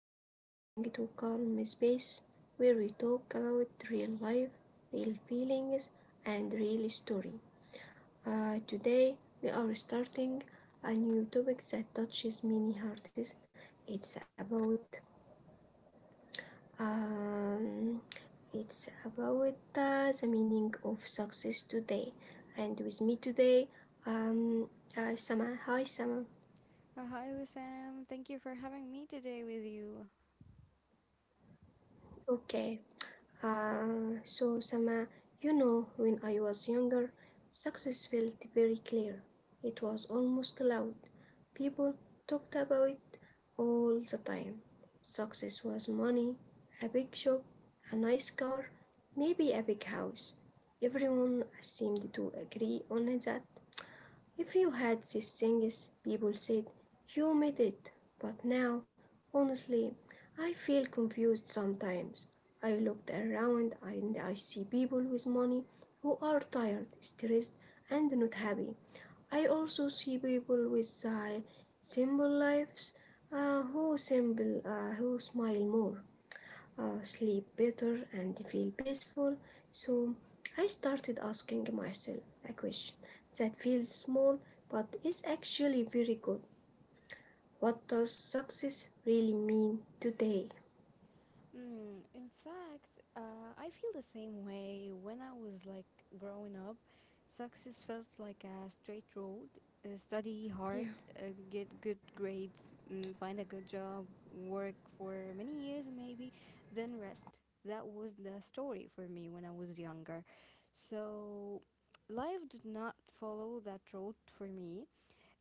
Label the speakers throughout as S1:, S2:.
S1: You are listening to Calm Space, where we talk about real life, real feelings, and real story. Today, we are starting a new topic that touches many hearts. It's about um, it's about the meaning of success today. And with me today, um, Sama. Hi, Sama.
S2: Hi, Wissam. Thank you for having me today with you.
S1: Okay. So, Sama, you know, when I was younger, success felt very clear. It was almost loud. People talked about it all the time. Success was money, a big shop, a nice car, maybe a big house. Everyone seemed to agree on that. If you had these things, people said, you made it. But now, honestly, I feel confused sometimes. I looked around and I see people with money who are tired, stressed, and not happy. I also see people with simple lives who smile more, sleep better and feel peaceful. So I started asking myself a question that feels small but is actually very good. What does success really mean today?
S2: In fact, I feel the same way. When I was like growing up, success felt like a straight road. Study
S1: Yeah.
S2: hard, get good grades, find a good job, work for many years maybe, then rest. That was the story for me when I was younger. So, life did not follow that road for me.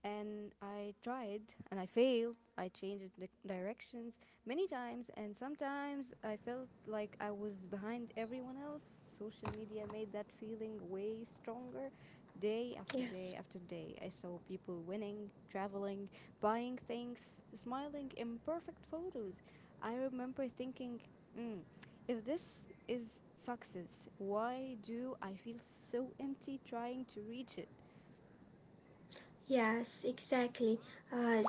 S2: And I tried and I failed. I changed the directions many times, and sometimes I felt like I was behind everyone else. Social media made that feeling way stronger, day after
S1: Yes.
S2: day after day. I saw people winning, traveling, buying things, smiling in perfect photos. I remember thinking, mm, if this is success, why do I feel so empty trying to reach it?
S1: Yes, exactly.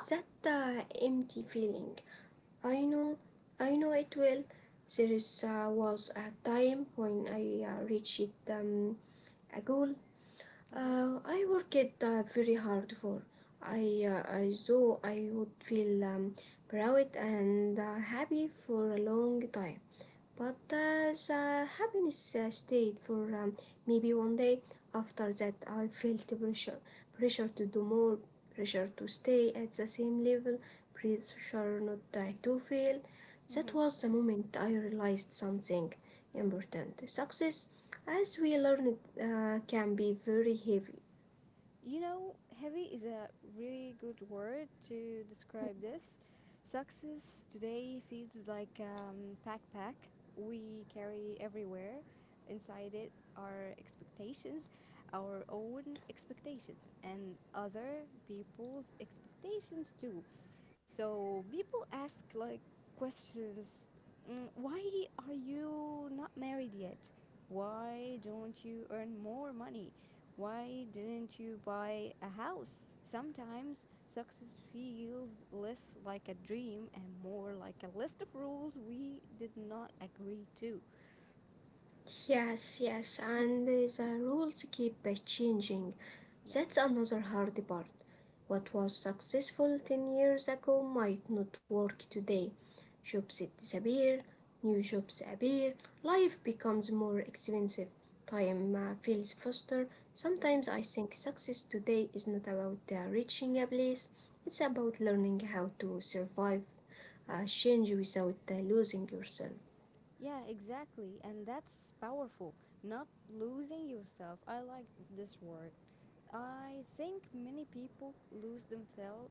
S1: That empty feeling. I know, I know it well. There was a time when I reached um, a goal.
S2: Mm-hmm.
S1: I worked very hard for. I thought I would feel proud and happy for a long time, but as the happiness stayed for maybe one day. After that, I felt pressure. Pressure to do more, pressure to stay at the same level, pressure not to fail.
S2: Mm-hmm.
S1: That was the moment I realized something
S2: Yeah.
S1: important. Success, as we learned, can be very heavy.
S2: You know, heavy is a really good word to describe this. Success today feels like backpack we carry everywhere. Inside it are expectations, our own expectations, and other people's expectations too. So people ask like questions, why are you not married yet? Why don't you earn more money? Why didn't you buy a house? Sometimes success feels less like a dream and more like a list of rules we did not agree to.
S1: Yes, yes, and the rules keep changing.
S2: Yeah.
S1: That's another hard part.
S2: Yeah.
S1: What was successful 10 years ago might not work today. Jobs disappear, new jobs appear, life becomes more expensive, time feels faster.
S2: Hmm.
S1: Sometimes I think success today is not about reaching a place. It's about learning how to survive, change without losing yourself.
S2: Yeah, exactly. And that's powerful. Not losing yourself. I like this word. I think many people lose themselves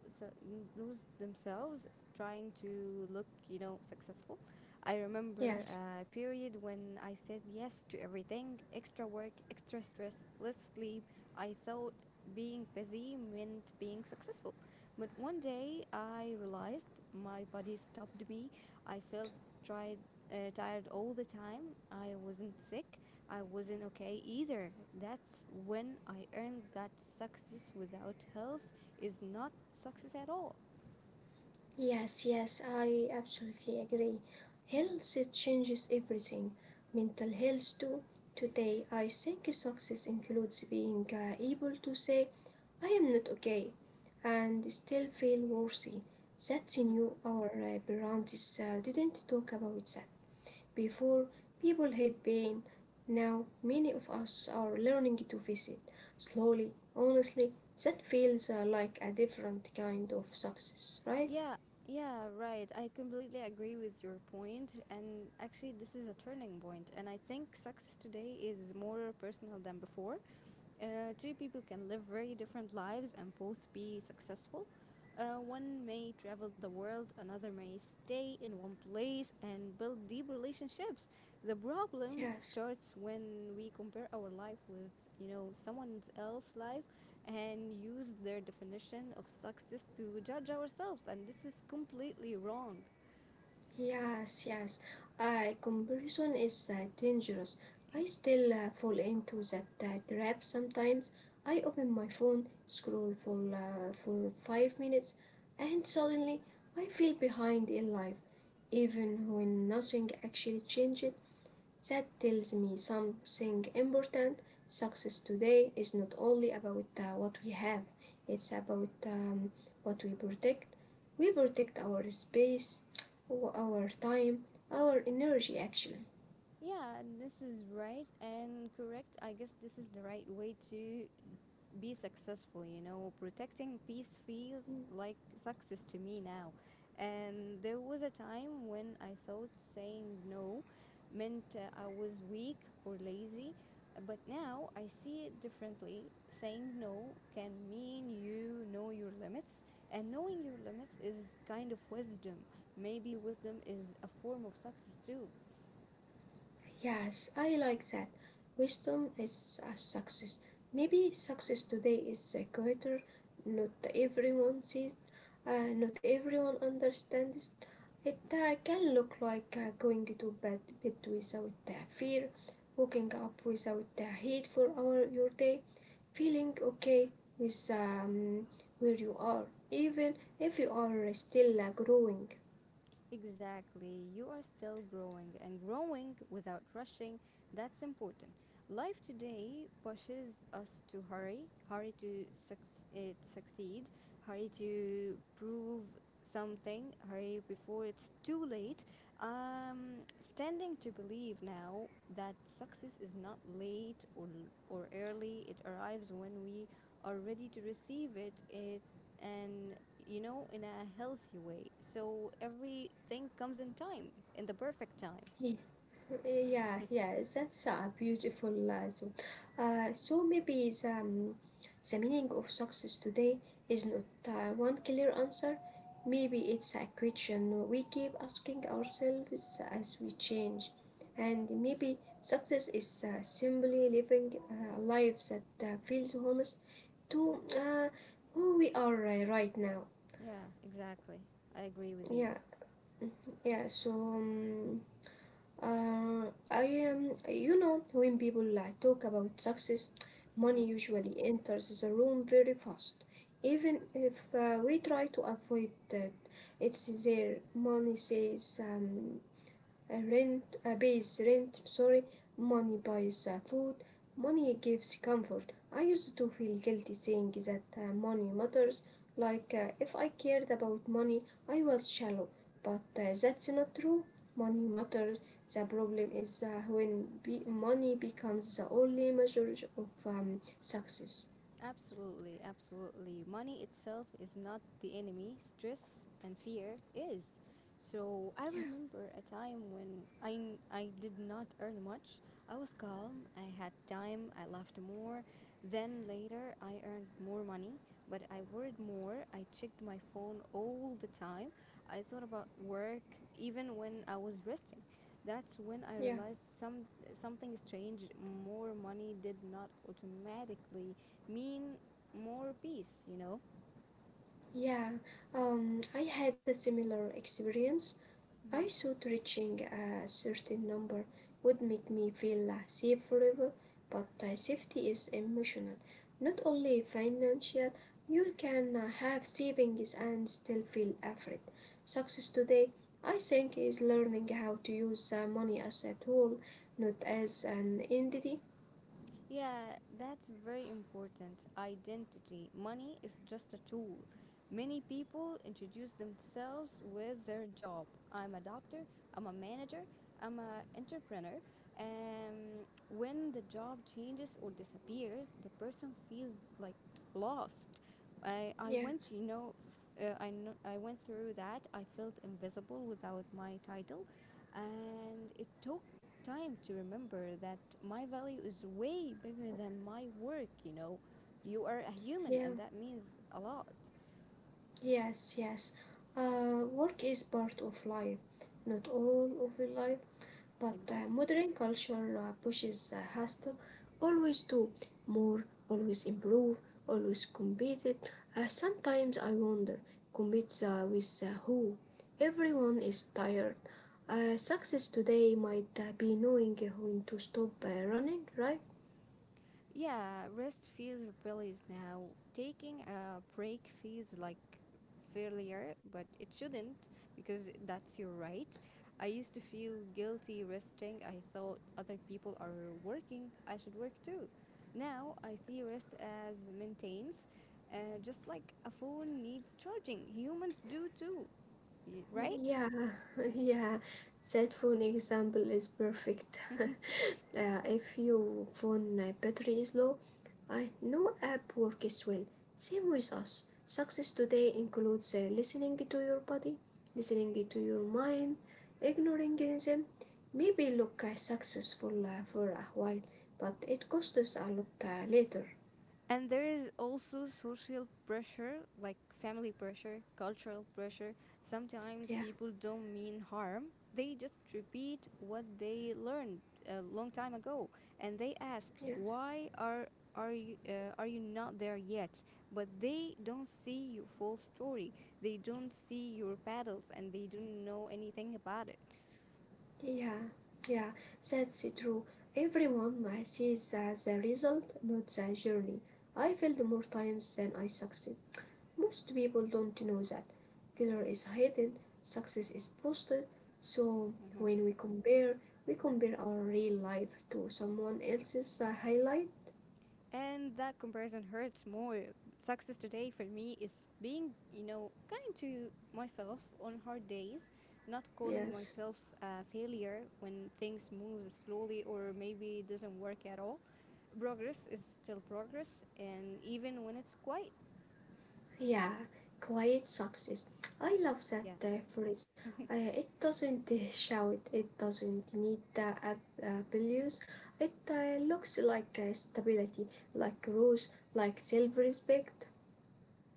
S2: lose themselves trying to look successful. I remember
S1: Yes.
S2: a period when I said yes to everything, extra work, extra stress, less sleep. I thought being busy meant being successful. But one day I realized my body stopped me. I felt tried tired all the time. I wasn't sick. I wasn't okay either. That's when I earned that success without health is not success at all.
S1: Yes, yes, I absolutely agree.
S2: Yeah.
S1: Health, it changes everything. Mental health too. Today, I think success includes being able to say, "I am not okay," and still feel worthy. That's
S2: Mhm.
S1: new. Our parents didn't talk about that. Before, people had pain. Now, many of us are learning to face it. Slowly, honestly, that feels like a different kind of success, right?
S2: Yeah, yeah, right. I completely agree with your point. And actually, this is a turning point. And I think success today is more personal than before. Two people can live very different lives and both be successful. One may travel the world, another may stay in one place and build deep relationships. The problem
S1: Yes,
S2: starts when we compare our life with someone else's life and use their definition of success to judge ourselves, and this is completely wrong.
S1: yes, yes. Comparison is dangerous. I still fall into that trap sometimes. I open my phone, scroll for 5 minutes, and suddenly I feel behind in life, even when nothing actually changed. That tells me something important. Success today is not only about what we have. It's about what we protect. We protect our space, our time, our energy actually.
S2: Yeah, this is right and correct. I guess this is the right way to be successful. Protecting peace feels like success to me now. And there was a time when I thought saying no meant I was weak or lazy, but now I see it differently. Saying no can mean you know your limits, and knowing your limits is kind of wisdom. Maybe wisdom is a form of success too.
S1: Yes, I like that. Wisdom is a success. Maybe success today is a greater, not everyone sees. Not everyone understands it,
S2: Mm-hmm.
S1: can look like going to bed without fear, waking up without heat for our your day, feeling okay with where you are, even if you are still growing.
S2: Exactly. You are still growing and growing without rushing. That's important. Life today pushes us to hurry, hurry to succeed, hurry to prove something, hurry before it's too late. Standing to believe now that success is not late or early, it arrives when we are ready to receive it and in a healthy way. So everything comes in time, in the perfect time.
S1: Yeah, yeah, that's a beautiful thought. So maybe the meaning of success today is not one clear answer. Maybe it's a question we keep asking ourselves as we change. And maybe success is simply living a life that feels honest
S2: Yeah.
S1: to who we are right now.
S2: Yeah, exactly. I agree with you.
S1: Yeah, mm-hmm, yeah, so. I am. You know, when people like talk about success,
S2: Mm-hmm.
S1: money usually enters the room very fast. Even if we try to avoid that, it's there. Money says. Rent pays rent, sorry. Money buys food. Money gives comfort. I used to feel guilty saying that money matters, like if I cared about money I was shallow, but that's not true. Money matters. The problem is when money becomes the only measure of success.
S2: Absolutely, absolutely. Money itself is not the enemy, stress and fear is. So I
S1: Yeah,
S2: remember a time when I did not earn much. I was calm, I had time, I laughed more. Then later, I earned more money, but I worried more. I checked my phone all the time. I thought about work even when I was resting. That's when I
S1: yeah.
S2: realized something strange. More money did not automatically mean more peace, you know?
S1: Yeah, I had a similar experience.
S2: Mhm.
S1: I thought reaching a certain number would make me feel safe forever, but safety is emotional, not only financial. You can have savings and still feel afraid. Success today, I think, is learning how to use money as a tool, not as an entity.
S2: Yeah, that's very important. Identity. Money is just a tool. Many people introduce themselves with their job. I'm a doctor, I'm a manager, I'm an entrepreneur. And when the job changes or disappears, the person feels like lost. I
S1: Yes.
S2: went, you know, I went through that. I felt invisible without my title. And it took time to remember that my value is way bigger than my work, you know. You are a human,
S1: Yeah.
S2: and that means a lot.
S1: Yes, yes. Work is part of life, not all of the life, but
S2: Exactly.
S1: modern culture pushes us to always do more, always improve, always compete. It. Sometimes I wonder, compete with who? Everyone is tired. Success today might be knowing when to stop running, right?
S2: Yeah, rest feels rebellious now. Taking a break feels like failure, but it shouldn't because that's your right. I used to feel guilty resting. I thought other people are working, I should work too. Now I see rest as maintenance, just like a phone needs charging. Humans do too, right?
S1: Yeah, yeah, that phone example is perfect. If your phone battery is low, I no app works well. Same with us. Success today includes listening to your body, listening to your mind, ignoring them. Maybe look successful for a while, but it costs us a lot later.
S2: And there is also social pressure, like family pressure, cultural pressure. Sometimes
S1: Yeah,
S2: people don't mean harm, they just repeat what they learned a long time ago, and they ask,
S1: yeah.
S2: why are you not there yet? But they don't see your full story, they don't see your battles, and they don't know anything about it.
S1: Yeah, yeah, that's true. Everyone sees the result, not the journey. I failed more times than I succeed. Most people don't know that. Failure is hidden, success is posted. So
S2: Mhm.
S1: when we compare our real life to someone else's highlight.
S2: And that comparison hurts more. Success today for me is being kind to myself on hard days, not calling
S1: Yes.
S2: myself a failure when things move slowly or maybe it doesn't work at all. Progress is still progress, and even when it's quiet.
S1: Yeah, quiet success. I love that
S2: Yeah.
S1: phrase. It doesn't shout, it doesn't need the abuse. It looks like stability, like rules, like self respect.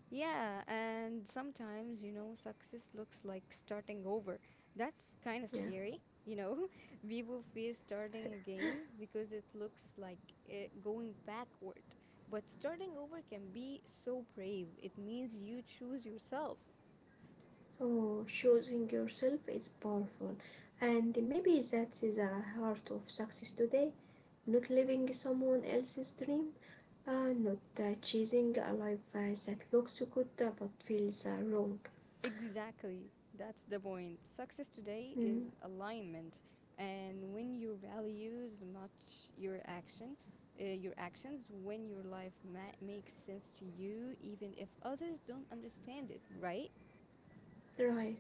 S2: Yeah, and sometimes, success looks like starting over. That's kind of
S1: Yeah.
S2: scary, you know. People fear starting again because it looks like it going backward. But starting over can be so brave. It means you choose yourself.
S1: Oh, choosing yourself is powerful. And maybe that is the heart of success today. Not living someone else's dream, not chasing a life that looks good but feels wrong.
S2: Exactly. That's the point. Success today
S1: Mm,
S2: is alignment. And when your values match your actions, when your life makes sense to you, even if others don't understand it, right?
S1: right.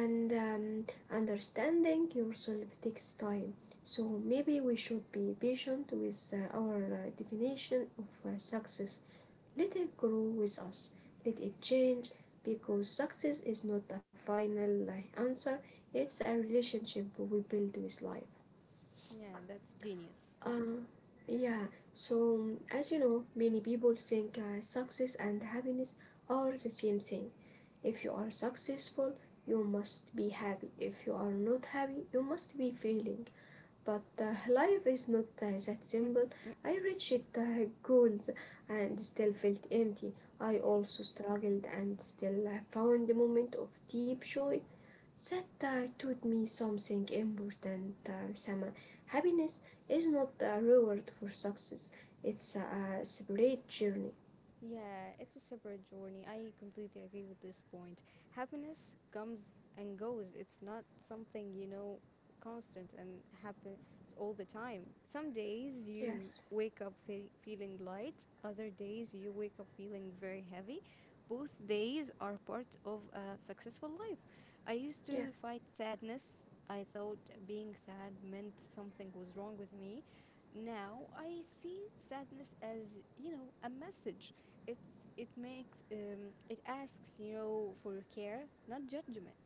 S1: And understanding yourself takes time. So maybe we should be patient with our definition of success. Let it grow with us. Let it change because success is not a final answer. It's a relationship we build with life.
S2: Yeah, that's genius.
S1: Uh, yeah, so, as you know, many people think success and happiness are the same thing. If you are successful, you must be happy. If you are not happy, you must be failing. But life is not that simple. I reached goals and still felt empty. I
S2: Yeah.
S1: also struggled and still found a moment of deep joy. That taught me something important, Sama. Happiness is not a reward for success, it's a separate journey.
S2: Yeah, it's a separate journey. I completely agree with this point. Happiness comes and goes. It's not something constant and happens all the time. Some days you
S1: Yes,
S2: wake up feeling light, other days you wake up feeling very heavy. Both days are part of a successful life. I used to fight
S1: yes.
S2: sadness. I thought being sad meant something was wrong with me. Now I see sadness as a message. It's it makes um, it asks for care, not judgment,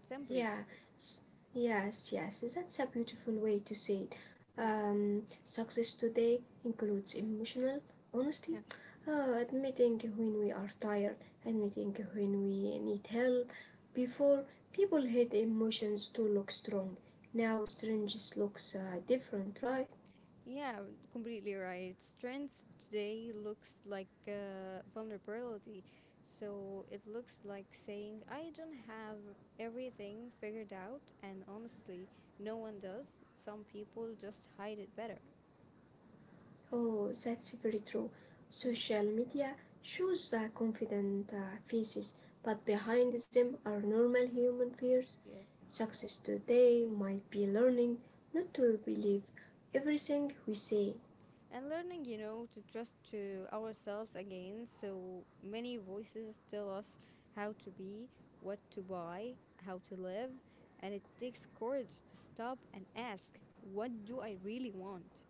S2: simply.
S1: Yeah, yes, yes. That's a beautiful way to say it.
S2: Yeah.
S1: Success today includes emotional honesty,
S2: Yeah.
S1: admitting when we are tired, admitting when we need help. Before, people hid emotions to look strong. Now, strangers looks different, right?
S2: Yeah, completely right. Strength today looks like vulnerability. So it looks like saying I don't have everything figured out, and honestly, no one does. Some people just hide it better.
S1: Oh, that's very true. Social media shows confident faces, but behind them are normal human fears.
S2: Yeah.
S1: Success today might be learning not to believe everything we see.
S2: And learning to trust to ourselves again. So many voices tell us how to be, what to buy, how to live. And it takes courage to stop and ask, what do I really want?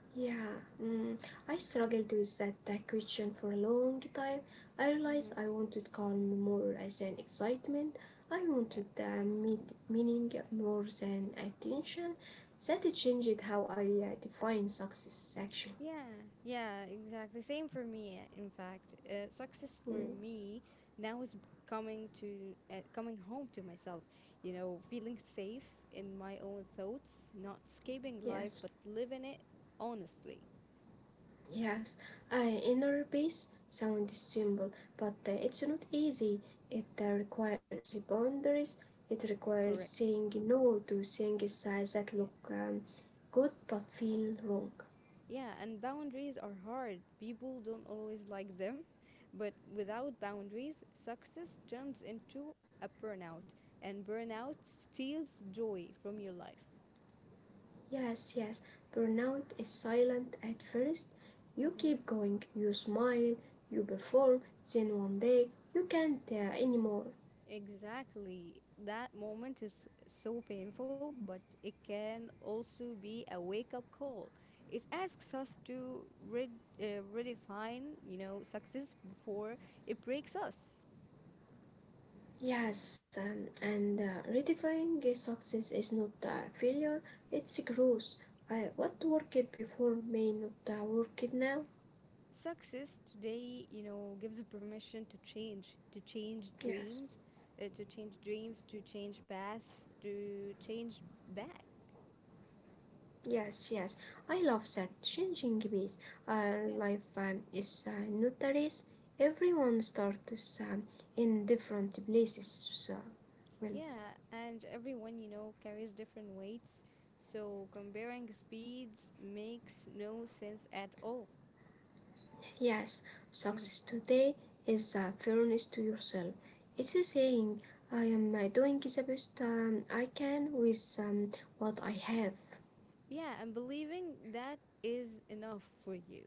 S1: Yeah, mm, I struggled with that question for a long time. I realized I
S2: Hmm.
S1: wanted calm more as an excitement. I
S2: Yeah,
S1: wanted meaning more than attention. That changed how I define success, actually.
S2: yeah, yeah, exactly same for me. In fact, success for
S1: Mm,
S2: me now is coming home to myself, feeling safe in my own thoughts, not escaping life
S1: yes.
S2: but living it honestly.
S1: Yes, I inner peace sounds simple, but it's not easy. It requires boundaries. It requires
S2: Correct.
S1: saying no to things size that
S2: Yeah.
S1: look good but feel wrong.
S2: Yeah, and boundaries are hard. People don't always like them. But without boundaries, success turns into a burnout, and burnout steals joy from your life.
S1: Yes, yes, burnout is silent at first. You
S2: Hmm.
S1: keep going, you smile, you perform, then one day you can't anymore.
S2: Exactly. That moment is so painful, but it can also be a wake up call. It asks us to redefine success before it breaks us.
S1: Yes, and redefining a success is not a failure, it's a growth. What worked before may not work it now.
S2: Success today gives permission to change,
S1: Yes,
S2: to change dreams, to change paths, to change back.
S1: yes, yes. I love that changing pace.
S2: Yeah.
S1: Life is not a race. Everyone starts in different places. So, well,
S2: Yeah, and everyone carries different weights, so comparing speeds makes no sense at all.
S1: yes,
S2: Mhm.
S1: success today is fairness to yourself. It's a saying, I am doing the best I can with what I have.
S2: Yeah, and believing that is enough for you.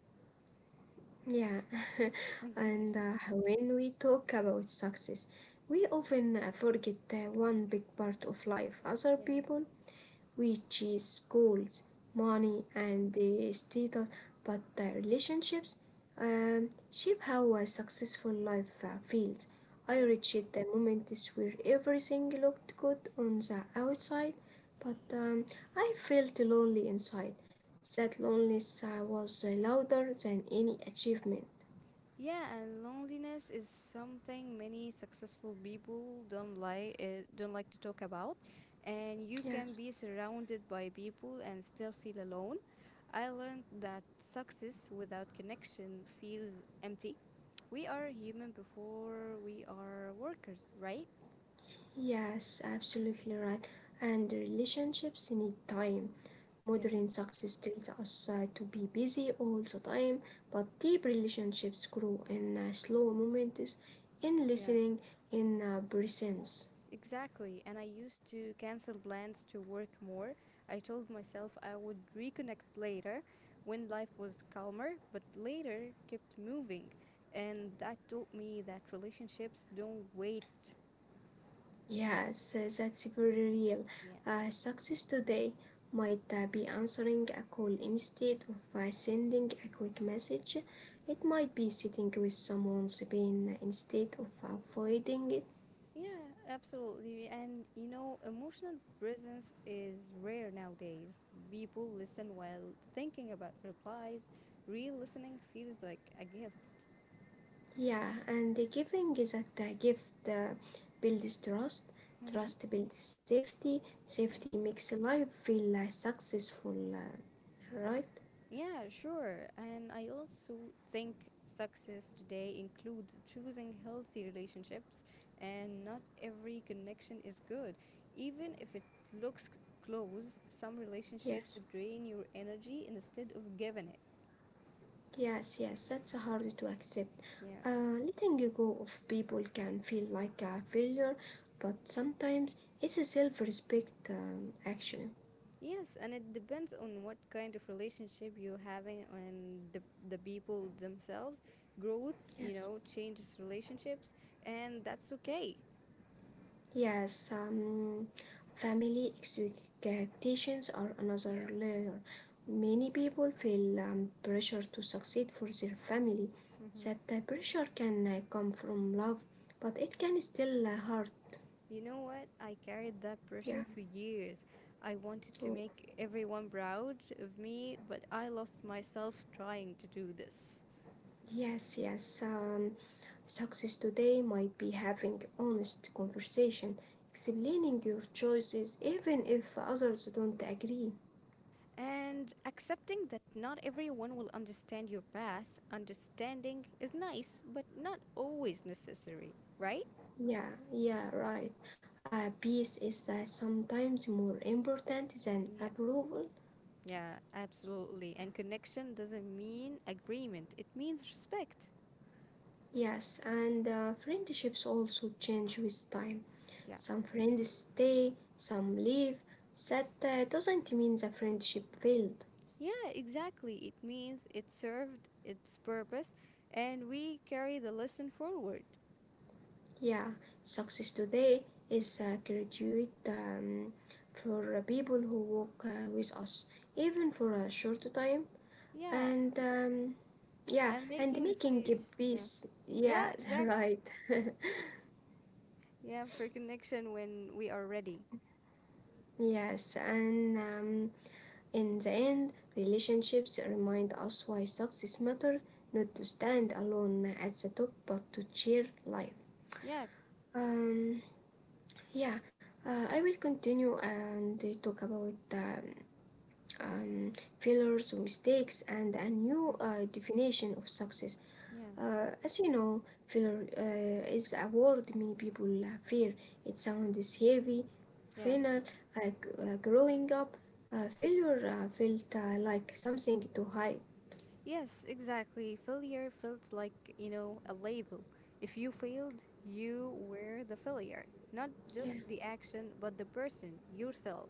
S1: Yeah, and when we talk about success, we often forget one big part of life: other
S2: Yeah.
S1: people, which is goals,
S2: Yeah,
S1: money, and the status, but the relationships shape how a successful life feels. I
S2: yeah.
S1: reached the moments where everything looked good on the outside, but I felt lonely inside. That loneliness was louder than any achievement.
S2: Yeah, and loneliness is something many successful people don't like to talk about, and you can
S1: Yes.
S2: be surrounded by people and still feel alone. I learned that success without connection feels empty. We are human before we are workers, right?
S1: Yes, absolutely right. And relationships need time.
S2: Yeah.
S1: Modern success tells us to be busy all the time, but deep relationships grow in slow moments, in
S2: Yeah.
S1: listening, in presence.
S2: Exactly. And I used to cancel plans to work more. I told myself I would reconnect later when life was calmer, but later kept moving. And that taught me that relationships don't wait.
S1: Yes, that's very real.
S2: Yeah.
S1: Success today might be answering a call instead of sending a quick message. It might be sitting with someone's pain instead of avoiding it.
S2: Yeah, absolutely. And emotional presence is rare nowadays. People listen while thinking about replies. Real listening feels like a gift.
S1: Yeah, and the giving is that the gift builds trust,
S2: Mm-hmm.
S1: trust builds safety,
S2: Yeah.
S1: safety makes life feel successful, right?
S2: Yeah, sure. And I also think success today includes choosing healthy relationships, and not every connection is good. Even if it looks close, some
S1: Yes,
S2: relationships drain your energy instead of giving it.
S1: yes, yes, that's hard to accept.
S2: Yeah.
S1: Letting go of people can feel like a failure, but sometimes it's a self respect action.
S2: Yes, and it depends on what kind of relationship you're having and the people themselves. Growth, you
S1: Yes.
S2: know, changes relationships, and that's okay.
S1: Yes, family expectations are another
S2: Yeah.
S1: layer. Many people feel pressure to succeed for their family. That pressure can come from love, but it can still hurt.
S2: You know what? I carried that
S1: Yeah.
S2: pressure for years. I wanted
S1: Oh,
S2: to make everyone proud of me, but I lost myself trying to do this.
S1: yes, yes. Success today might be having honest conversation, explaining your choices even if others don't agree.
S2: And accepting that not everyone will understand your path, understanding is nice, but not always necessary, right?
S1: Yeah, yeah, right. Peace is sometimes more important than
S2: Yeah.
S1: approval.
S2: Yeah, absolutely. And connection doesn't mean agreement, it means respect.
S1: Yes, and friendships also change with time.
S2: Yeah.
S1: Some friends stay, some leave. That doesn't mean the friendship failed.
S2: Yeah, exactly. It means it served its purpose and we carry the lesson forward.
S1: Yeah, success today is a graduate for people who work with us, even for a short time.
S2: Yeah,
S1: And yeah,
S2: and
S1: and
S2: making
S1: making a
S2: space.
S1: peace.
S2: Yeah,
S1: Yeah,
S2: exactly.
S1: right.
S2: Yeah, for connection when we are ready.
S1: Yes, and in the end, relationships remind us why success matters, not to stand alone at the top but to share life.
S2: Yeah.
S1: Um, yeah, I will continue and talk about um, failures, mistakes and a
S2: Mhm.
S1: new definition of success.
S2: Yeah.
S1: As you know, failure is a word many people fear. It sounds heavy,
S2: Yeah.
S1: final, like growing up. Failure felt like something to hide.
S2: Yes, exactly. Failure felt like a label. If you failed, you were the failure. Not just
S1: Yeah.
S2: the action, but the person, yourself.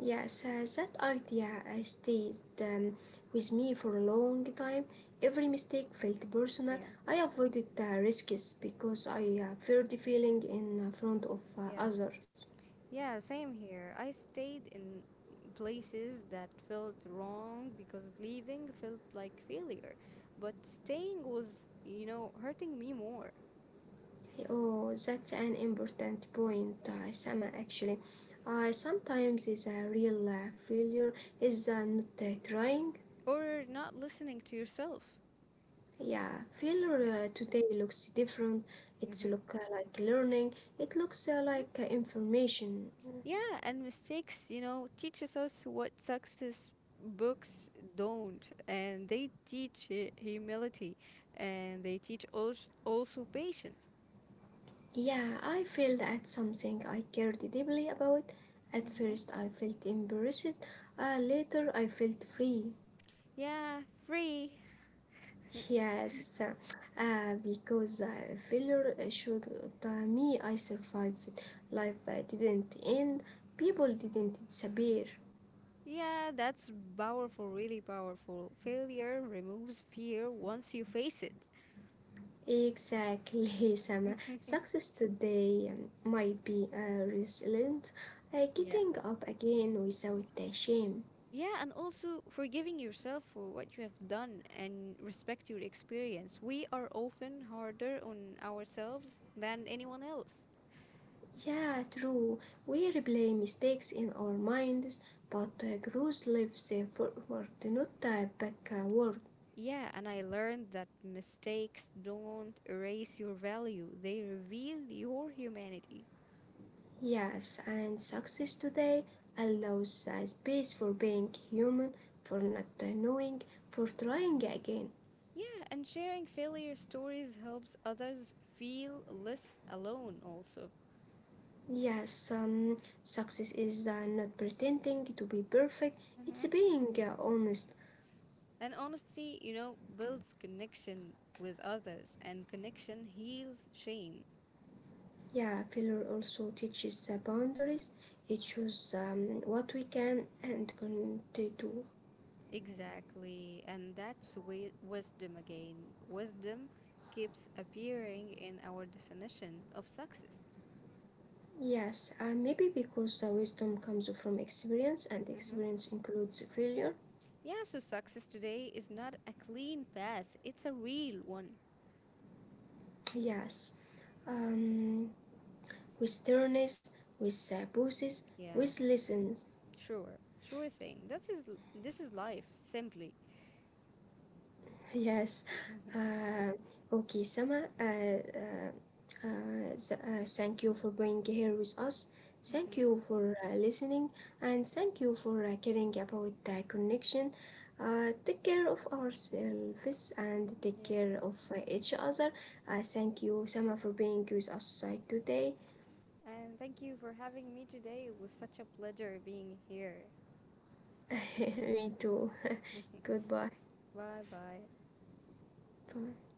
S1: Yes, that idea stayed with me for a long time. Every mistake felt personal.
S2: Yeah.
S1: I avoided risks because I feared feeling in front of
S2: Yeah.
S1: others.
S2: Yeah, same here. I stayed in places that felt wrong because leaving felt like failure, but staying was hurting me more.
S1: Oh, that's an important point,
S2: Yeah.
S1: Sama. Actually, sometimes is a real failure is not trying.
S2: Or not listening to yourself.
S1: Yeah,
S2: Yeah.
S1: failure today looks different. It's
S2: Mm-hmm.
S1: look like learning. It looks
S2: Yeah.
S1: like information.
S2: Yeah, and mistakes teaches us what success books don't, and they teach humility, and they teach also patience.
S1: Yeah, I failed at something I cared deeply about. At
S2: Mm-hmm.
S1: first, I felt embarrassed. Later, I felt free.
S2: Yeah, free.
S1: Yes, because failure showed that me I survived. It. Life didn't end. People didn't disappear.
S2: Yeah, that's powerful, really powerful. Failure removes fear once you face it.
S1: Exactly, Sama. Success today might be resilient,
S2: Yeah.
S1: getting up again without the shame.
S2: Yeah, and also forgiving yourself for what you have done and respect your experience. We are often harder on ourselves than anyone else.
S1: Yeah, true. We replay mistakes in our minds, but growth lives forward, not backward.
S2: Yeah, and I learned that mistakes don't erase your value, they reveal your humanity.
S1: Yes, and success today allows a space for being human, for not knowing, for trying again.
S2: Yeah, and sharing failure stories helps others feel less alone also.
S1: Yes, success is not pretending to be perfect, it's being honest.
S2: And honesty builds connection with others, and connection heals shame.
S1: Yeah, failure also teaches boundaries, it shows what we can and can't do.
S2: Exactly. And that's wisdom again. Wisdom keeps appearing in our definition of success.
S1: Yes, maybe because wisdom comes from experience, and
S2: Hmm.
S1: experience includes failure.
S2: Yeah, so success today is not a clean path, it's a real one.
S1: Yes. Um, We turns, we busses, we
S2: Yeah,
S1: listens.
S2: sure. Sure thing. This is life, simply.
S1: Yes.
S2: Hmm.
S1: Uh, okay, Sama. Uh, Thank you for being here with us. Thank
S2: Hmm.
S1: you for listening, and thank you for caring about the connection. Take care of ourselves and take
S2: Yeah,
S1: care of each other.
S2: yeah.
S1: Thank you, Sama, for being with us today.
S2: And thank you for having me today. It was such a pleasure being here.
S1: Me too. Goodbye.
S2: Bye bye.
S1: Bye.